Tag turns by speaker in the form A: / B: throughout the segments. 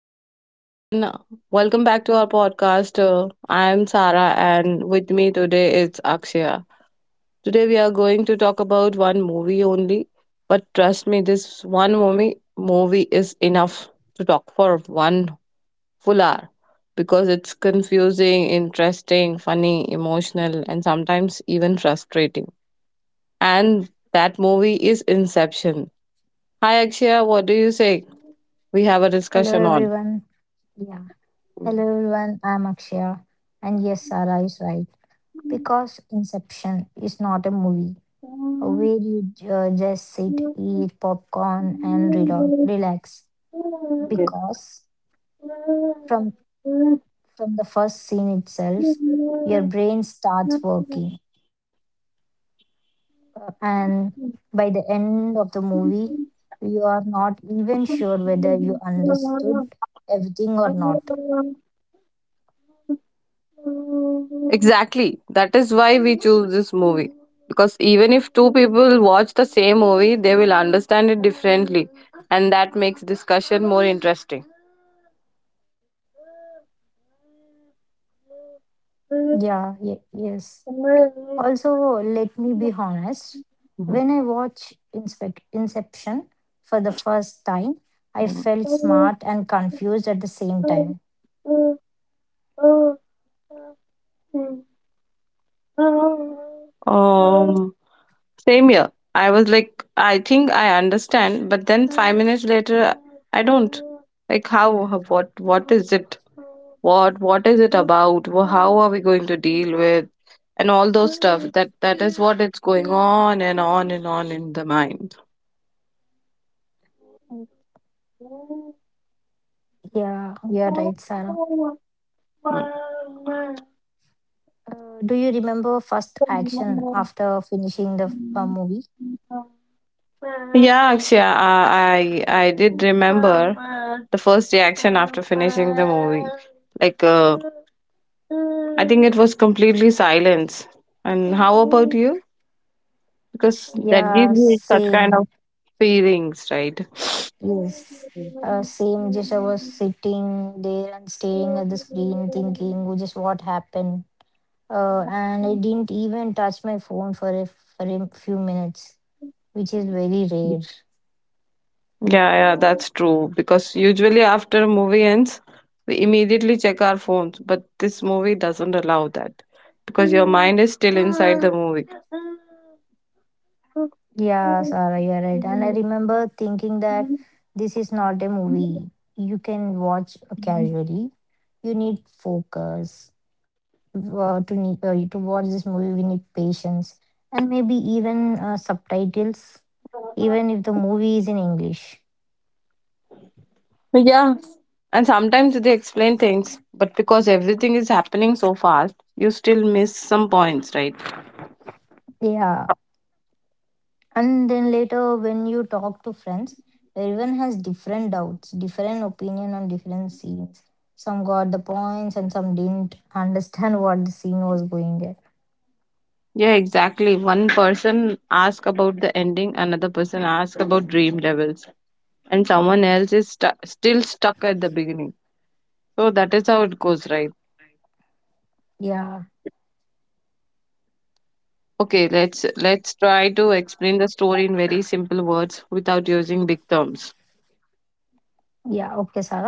A: Hello, everyone. Welcome back to our podcast. I am Sarah, and with me today is Akshaya. Today, we are going to talk about one movie only, but trust me, this one movie is enough to talk for one full hour because it's confusing, interesting, funny, emotional, and sometimes even frustrating. And that movie is Inception. Hi, Akshaya. What do you say? We have a
B: Hello,
A: discussion on.
B: everyone. Yeah. Hello, everyone. I'm Akshaya. And yes, Sarah is right. Because Inception is not a movie where you just sit, eat popcorn, and relax.
A: Yes.
B: Because from from the first scene itself, your brain starts working. And by the end of the movie, you are not even sure whether you understood everything or not.
A: Exactly. That is why we choose this movie. Because even if two people watch the same movie, they will understand it differently. And that makes discussion more interesting.
B: Yeah. Yes. Also, let me be honest,
A: Mhm.
B: when I watched Inspec Inception for the first time, I
A: Mhm.
B: felt smart and confused at the same time.
A: Um, Same here. I was like, I think I understand, but then 5 minutes later, I don't. Like, how? What? What is it? What? What is it about? How are we going to deal with? And all those stuff. That is what it's going on and on and on in the mind.
B: Yeah, you're right, Sarah. Do you remember first action after finishing the movie?
A: Yeah, actually, I did remember the first reaction after finishing the movie. Like, I think it was completely silence. And how about you? Because that gives
B: Yeah,
A: you such kind of
B: same.
A: feelings, right?
B: Yes. Same. Just I was sitting there and staring at the screen, thinking, "Oh, just what happened? And I didn't even touch my phone for for a few minutes, which is very rare.
A: Yeah, yeah, that's true. Because usually after a movie ends, we immediately check our phones, but this movie doesn't allow that because your mind is still inside the movie.
B: Yeah, Sarah, you are right. And I remember thinking that this is not a movie you can watch casually. You need focus. To watch this movie, we need patience and maybe even subtitles, even if the movie is in English.
A: Yeah, and sometimes they explain things, but because everything is happening so fast, you still miss some points, right?
B: Yeah, and then later, when you talk to friends, everyone has different doubts, different opinion on different scenes. Some got the points and some didn't understand what the scene was going at.
A: Yeah, exactly. One person asks about the ending, another person asks about dream levels, and someone else is still stuck at the beginning. So that is how it goes, right?
B: Yeah,
A: Okay, let's try to explain the story in very simple words without using big terms.
B: yeah, okay, Sarah.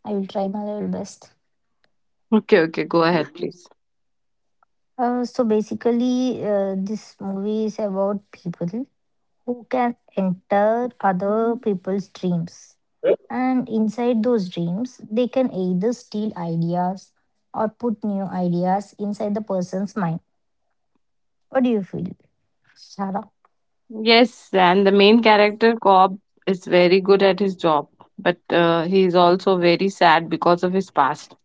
B: I will try my level best.
A: Okay, okay, go ahead, please.
B: So basically, this movie is about people who can enter other people's dreams. And inside those dreams, they can either steal ideas or put new ideas inside the person's mind. What do you feel, Sarah?
A: Yes, and the main character, Cobb, is very good at his job, but he is also very sad because of his past.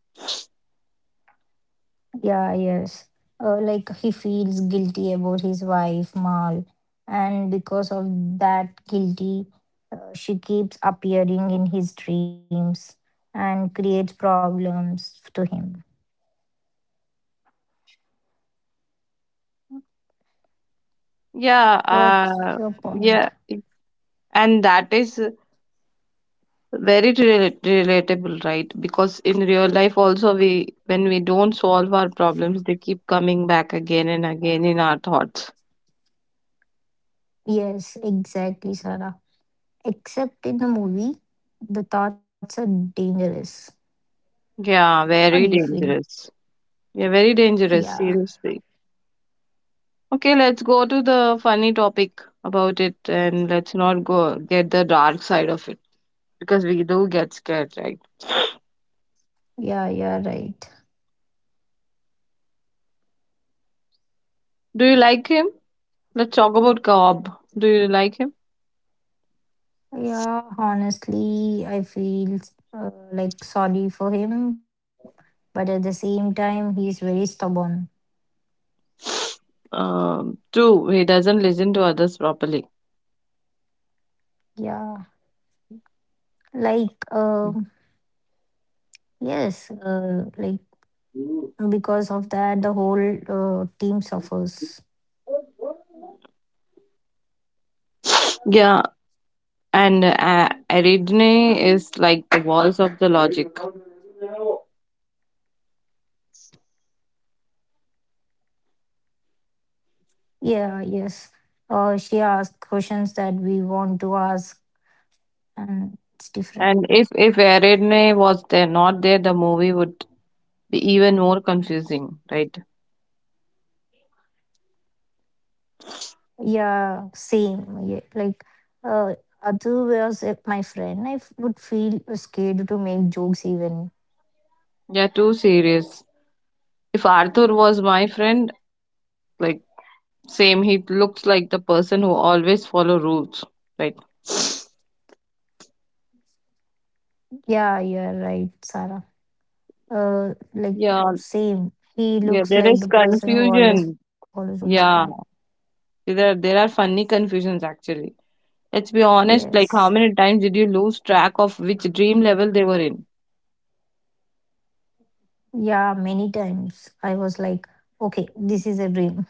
B: Yeah, yes. Like he feels guilty about his wife, Mal, and because of that guilty, she keeps appearing in his dreams and creates problems to him.
A: Yeah,
B: What's
A: uh,
B: your point?
A: yeah, it- and that is very relatable, right? Because in real life, also, we when we don't solve our problems, they keep coming back again and again in our thoughts.
B: Yes, exactly, Sarah. Except in the movie, the thoughts are dangerous.
A: Yeah,
B: What do you
A: very
B: feel?
A: dangerous. Yeah, very dangerous,
B: Yeah,
A: seriously. Okay, let's go to the funny topic about it and let's not go get the dark side of it because we do get scared, right?
B: yeah, you're right.
A: Do you like him? Let's talk about Cobb. Do you like him?
B: Yeah, honestly, I feel like sorry for him, but at the same time, he's very stubborn.
A: Two, he doesn't listen to others properly.
B: Yeah, like uh, yes, like because of that, the whole team suffers.
A: Yeah, and Ariadne is like the voice of the logic.
B: Yeah, yes. She asked questions that we want to ask, and it's different.
A: And if Ariadne was there, not there, the movie would be even more confusing, right?
B: Yeah, same. Yeah, like uh, Adu was my friend. I would feel scared to make jokes even.
A: Yeah, too serious. If Arthur was my friend, like same, he looks like the person who always follow rules, right?
B: Yeah, you're right, Sarah. Like
A: Yeah,
B: same. He
A: yeah,
B: looks
A: there is
B: like the person who always
A: confusion.
B: follows rules. Yeah.
A: Yeah, there are funny confusions actually. Let's be honest, like
B: Yes.
A: how many times did you lose track of which dream level they were in?
B: Yeah, many times I was like, okay, this is a dream,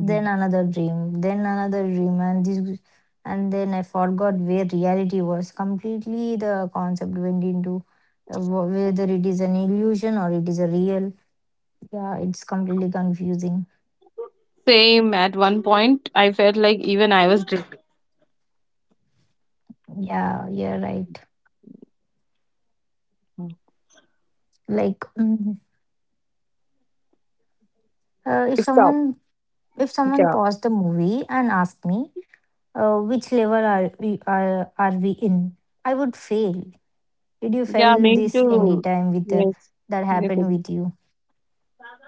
B: then another dream, then another dream, and this, and then I forgot where reality was. Completely, the concept went into whether it is an illusion or it is a real. Yeah, it's completely confusing.
A: Same, at one point, I felt like even I was dreaming.
B: Yeah, you're right. Like, mhm. Uh, if
A: Stop.
B: someone If someone
A: Yeah.
B: paused the movie and asked me, which level are we in? I would fail. Did you
A: Yeah,
B: feel
A: me
B: this
A: too.
B: anytime with
A: Yes.
B: that
A: Yes.
B: happened with you?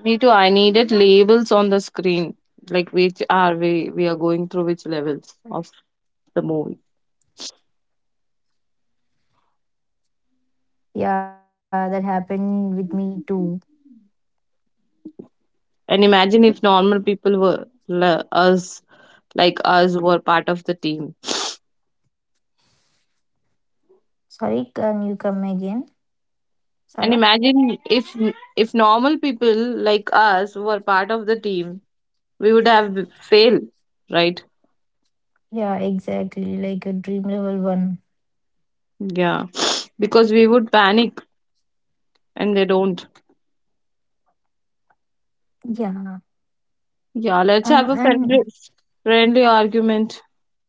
A: Me too. I needed labels on the screen, like which are we are going through, which levels of the movie.
B: Yeah, that happened with me too.
A: And imagine if normal people were us, like us, were part of the team.
B: Sorry, can you come again,
A: And
B: Sarah?
A: imagine if normal people like us were part of the team, we would have failed, right?
B: Yeah, exactly. Like a dream level one.
A: Yeah, because we would panic, and they don't.
B: Yeah.
A: Yeah, let's
B: Uh,
A: have a
B: and
A: friendly argument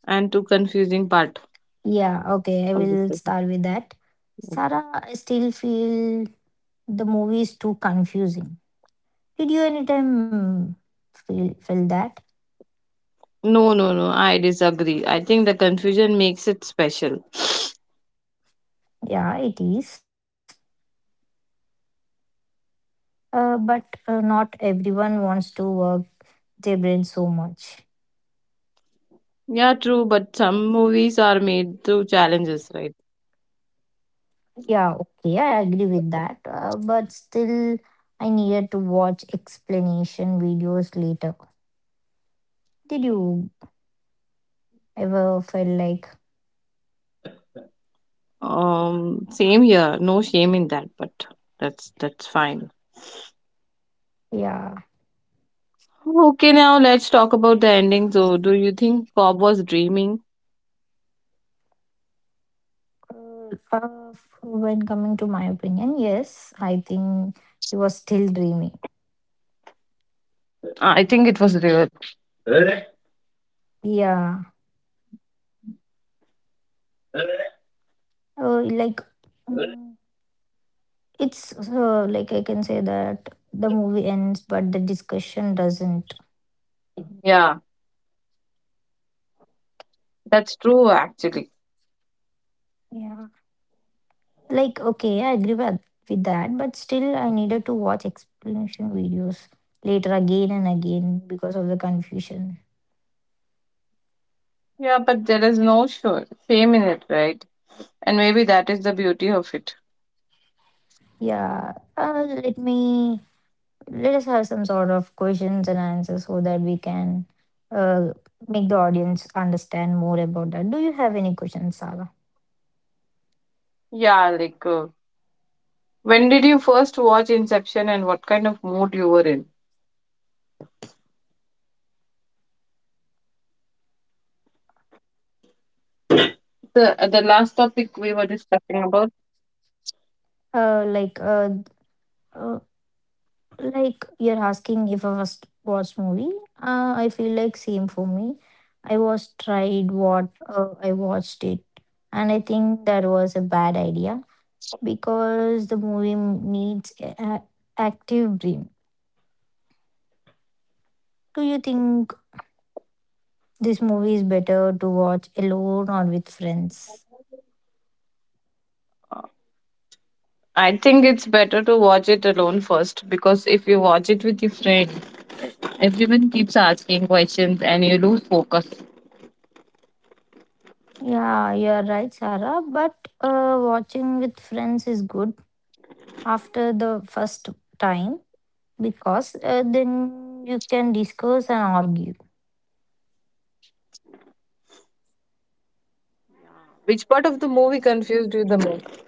A: and to confusing part
B: yeah, okay, I
A: of
B: will
A: discussion.
B: start with that. Sarah, I still feel the movie is too confusing. Did you anytime feel that?
A: No, no, no, I disagree. I think the confusion makes it special.
B: Yeah, it is. But not everyone wants to work their brain so much.
A: Yeah, true, but some movies are made through challenges, right?
B: Yeah, okay, I agree with that. But still, I needed to watch explanation videos later. Did you ever feel like,
A: Same here. No shame in that, but that's fine.
B: yeah,
A: Okay, now let's talk about the ending. So, do you think Bob was dreaming?
B: uh, uh, when coming to my opinion, yes, I think he was still dreaming.
A: I think it was real.
B: Yeah, like mm, it's like I can say that the movie ends, but the discussion doesn't.
A: Yeah, that's true actually.
B: Yeah. Like, okay, I agree with that, but still, I needed to watch explanation videos later again and again because of the confusion.
A: Yeah, but there is no sure shame in it, right? And maybe that is the beauty of it.
B: Yeah. Let us have some sort of questions and answers so that we can uh, make the audience understand more about that. Do you have any questions, Saga?
A: Yeah, like uh, When did you first watch Inception and what kind of mood you were in? The last topic we were discussing about.
B: Uh, like, uh, uh, like you're asking if I was watch movie. I feel like same for me. I was tried what I watched it, and I think that was a bad idea because the movie needs active brain. Do you think this movie is better to watch alone or with friends?
A: I think it's better to watch it alone first because if you watch it with your friend, everyone keeps asking questions and you lose focus.
B: Yeah, you're right, Sarah. But watching with friends is good after the first time because then you can discuss and argue.
A: Which part of the movie confused you the most?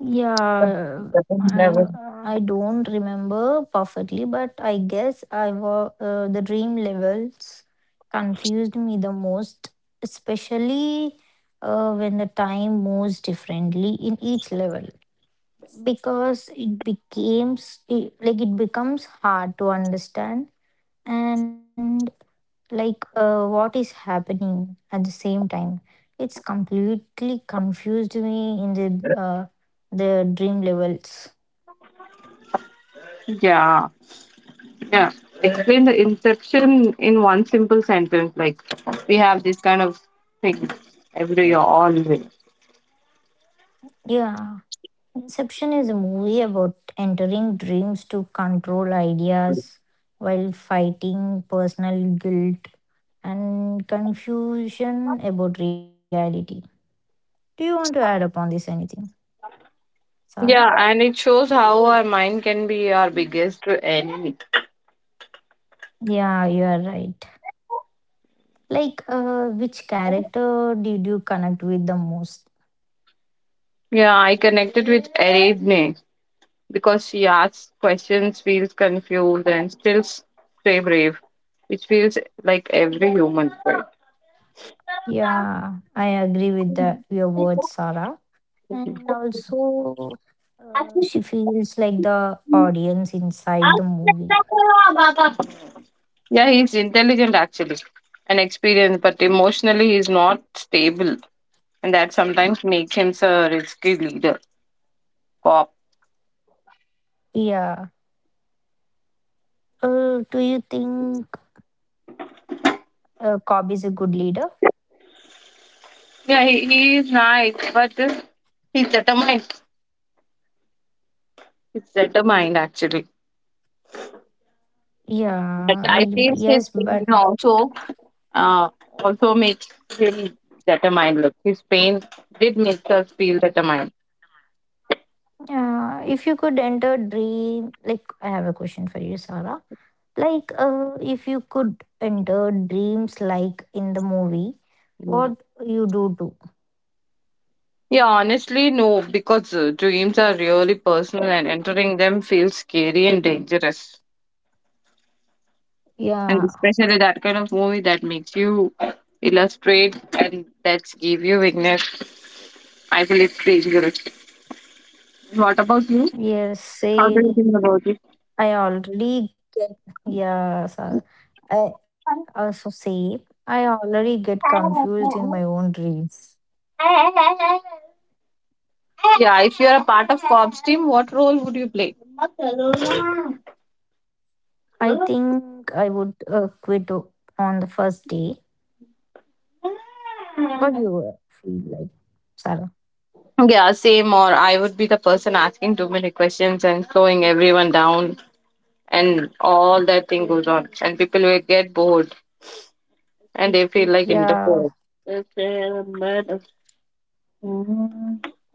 B: Yeah,
A: Second
B: I
A: level.
B: I don't remember perfectly, but I guess I was the dream levels confused me the most, especially when the time moves differently in each level because like it becomes hard to understand and what is happening at the same time. It's completely confused me in the dream levels.
A: Yeah, yeah. Explain the inception in one simple sentence. Like we have this kind of thing every year, always.
B: Yeah, Inception is a movie about entering dreams to control ideas while fighting personal guilt and confusion about reality. Do you want to add upon this anything, Sarah?
A: Yeah, and it shows how our mind can be our biggest enemy.
B: Yeah, you are right. Which character did you connect with the most?
A: Yeah, I connected with Ariadne because she asks questions, feels confused, and still stay brave, which feels like every human, right?
B: Yeah, I agree with your words, Sarah. And also, she feels like the audience inside the movie.
A: Yeah, he's intelligent actually and experienced, but emotionally he's not stable, and that sometimes makes him a risky leader, cop.
B: Yeah. Do you think Cobb is a good leader?
A: Yeah, he is nice, but he's determined. He's determined actually.
B: Yeah,
A: But I
B: I,
A: feel
B: but
A: his
B: yes,
A: pain
B: but
A: also uh, also makes him determined. Look, his pain did make us feel determined.
B: If you could enter dream, like I have a question for you, Sarah. Like, if you could enter dreams like in the movie,
A: Mm.
B: what you do?
A: Yeah, honestly, no, because dreams are really personal and entering them feels scary and dangerous. And
B: Yeah,
A: especially that kind of movie that makes you illustrate and that's give you weakness. I feel it's dangerous. What about you?
B: yes,
A: How do you
B: same.
A: think about it?
B: I already get, yeah, so I also say I already get confused in my own dreams.
A: Yeah, if you're a part of Cops team, what role would you play?
B: I think I would quit on the first day. What do you feel like, Sarah?
A: Yeah, same. Or I would be the person asking too many questions and slowing everyone down, and all that thing goes on, and people will get bored and they feel like
B: Yeah,
A: interfered.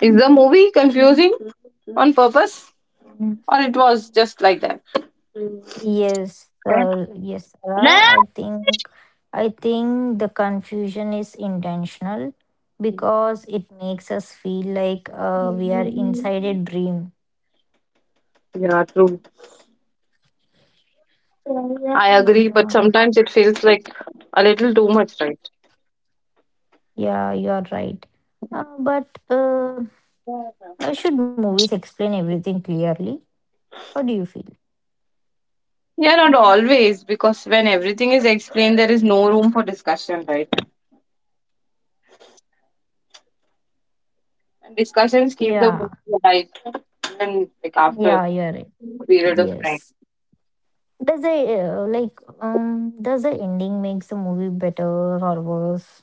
A: Is the movie confusing on purpose, or it was just like that?
B: yes, Sarah. I think the confusion is intentional because it makes us feel like we are inside a dream.
A: Yeah, true. I agree, but
B: Yeah.
A: sometimes it feels like a little too much, right?
B: Yeah, you are right. But should movies explain everything clearly? What do you feel?
A: Yeah, not always, because when everything is explained, there is no room for discussion, right? And discussions keep the
B: Yeah,
A: movie alive even like after
B: yeah, you are right.
A: a period of time.
B: Yes. Does the does the ending makes the movie better or worse?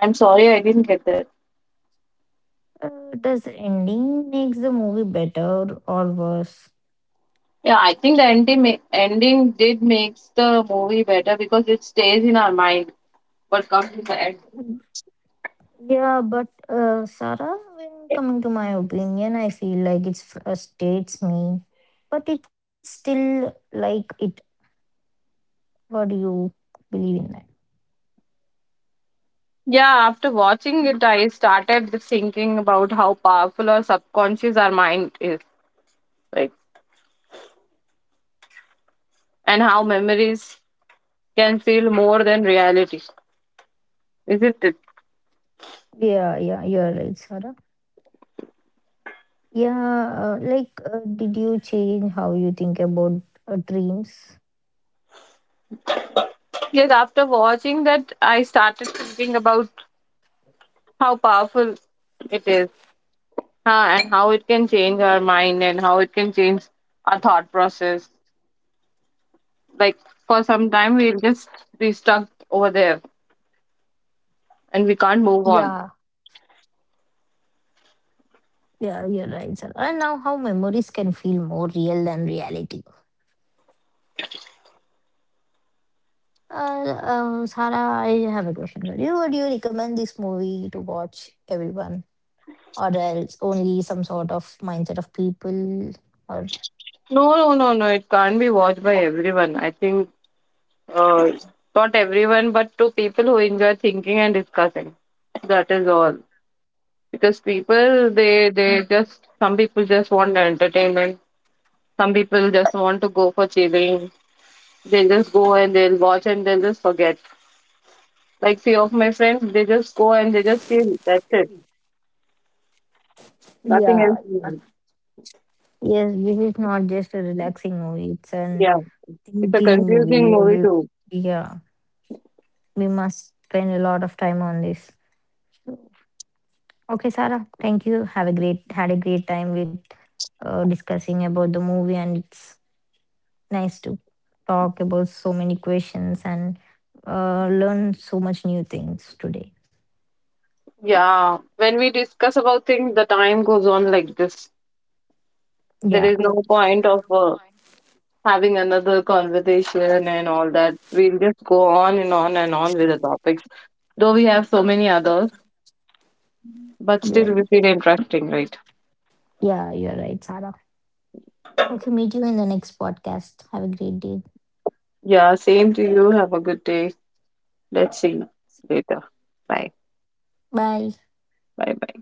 A: I'm sorry, I didn't get that.
B: Does the ending makes the movie better or worse?
A: Yeah, I think the ending ending did makes the movie better because it stays in our mind. What comes in the end?
B: Yeah, but Sarah, when coming to my opinion, I feel like it frustrates me, but it's still like it. What do you believe in?
A: Yeah, after watching it, I started thinking about how powerful our subconscious, our mind is, like, and how memories can feel more than reality. Isn't it?
B: Yeah, yeah, you're right, Sarah. Yeah, did you change how you think about dreams?
A: Yes, after watching that, I started thinking about how powerful it is, huh, and how it can change our mind and how it can change our thought process. Like for some time we'll just be stuck over there and we can't move on.
B: Yeah, yeah, you're right, Sarah. And now how memories can feel more real than reality. Sarah, I have a question for you. Would you recommend this movie to watch everyone, or else only some sort of mindset of people? Or
A: No, no, no, no, it can't be watched by everyone, I think. uh, Not everyone but to people who enjoy thinking and discussing, that is all. Because people they just, some people just want entertainment, some people just want to go for chilling. They just go and they'll watch and they'll just forget. Like few of my friends, they just go and they just chill, that's it, nothing
B: yeah,
A: else.
B: yes, this is not just a relaxing movie; it's an
A: Yeah, it's a
B: thinking
A: confusing
B: movie.
A: movie
B: Every
A: too.
B: yeah. We must spend a lot of time on this. Okay, Sarah, thank you. Have a great Had a great time with discussing about the movie, and it's nice to talk about so many questions and learn so much new things today.
A: Yeah, when we discuss about things, the time goes on like this. There
B: Yeah,
A: is no point of having another conversation and all that. We'll just go on and on and on with the topics. Though we have so many others, but
B: yeah,
A: still we feel interesting, right?
B: yeah, you're right, Sarah. Okay, meet you in the next podcast. Have a great day.
A: Yeah, same to you. Have a good day. Let's see you later. Bye.
B: Bye.
A: Bye.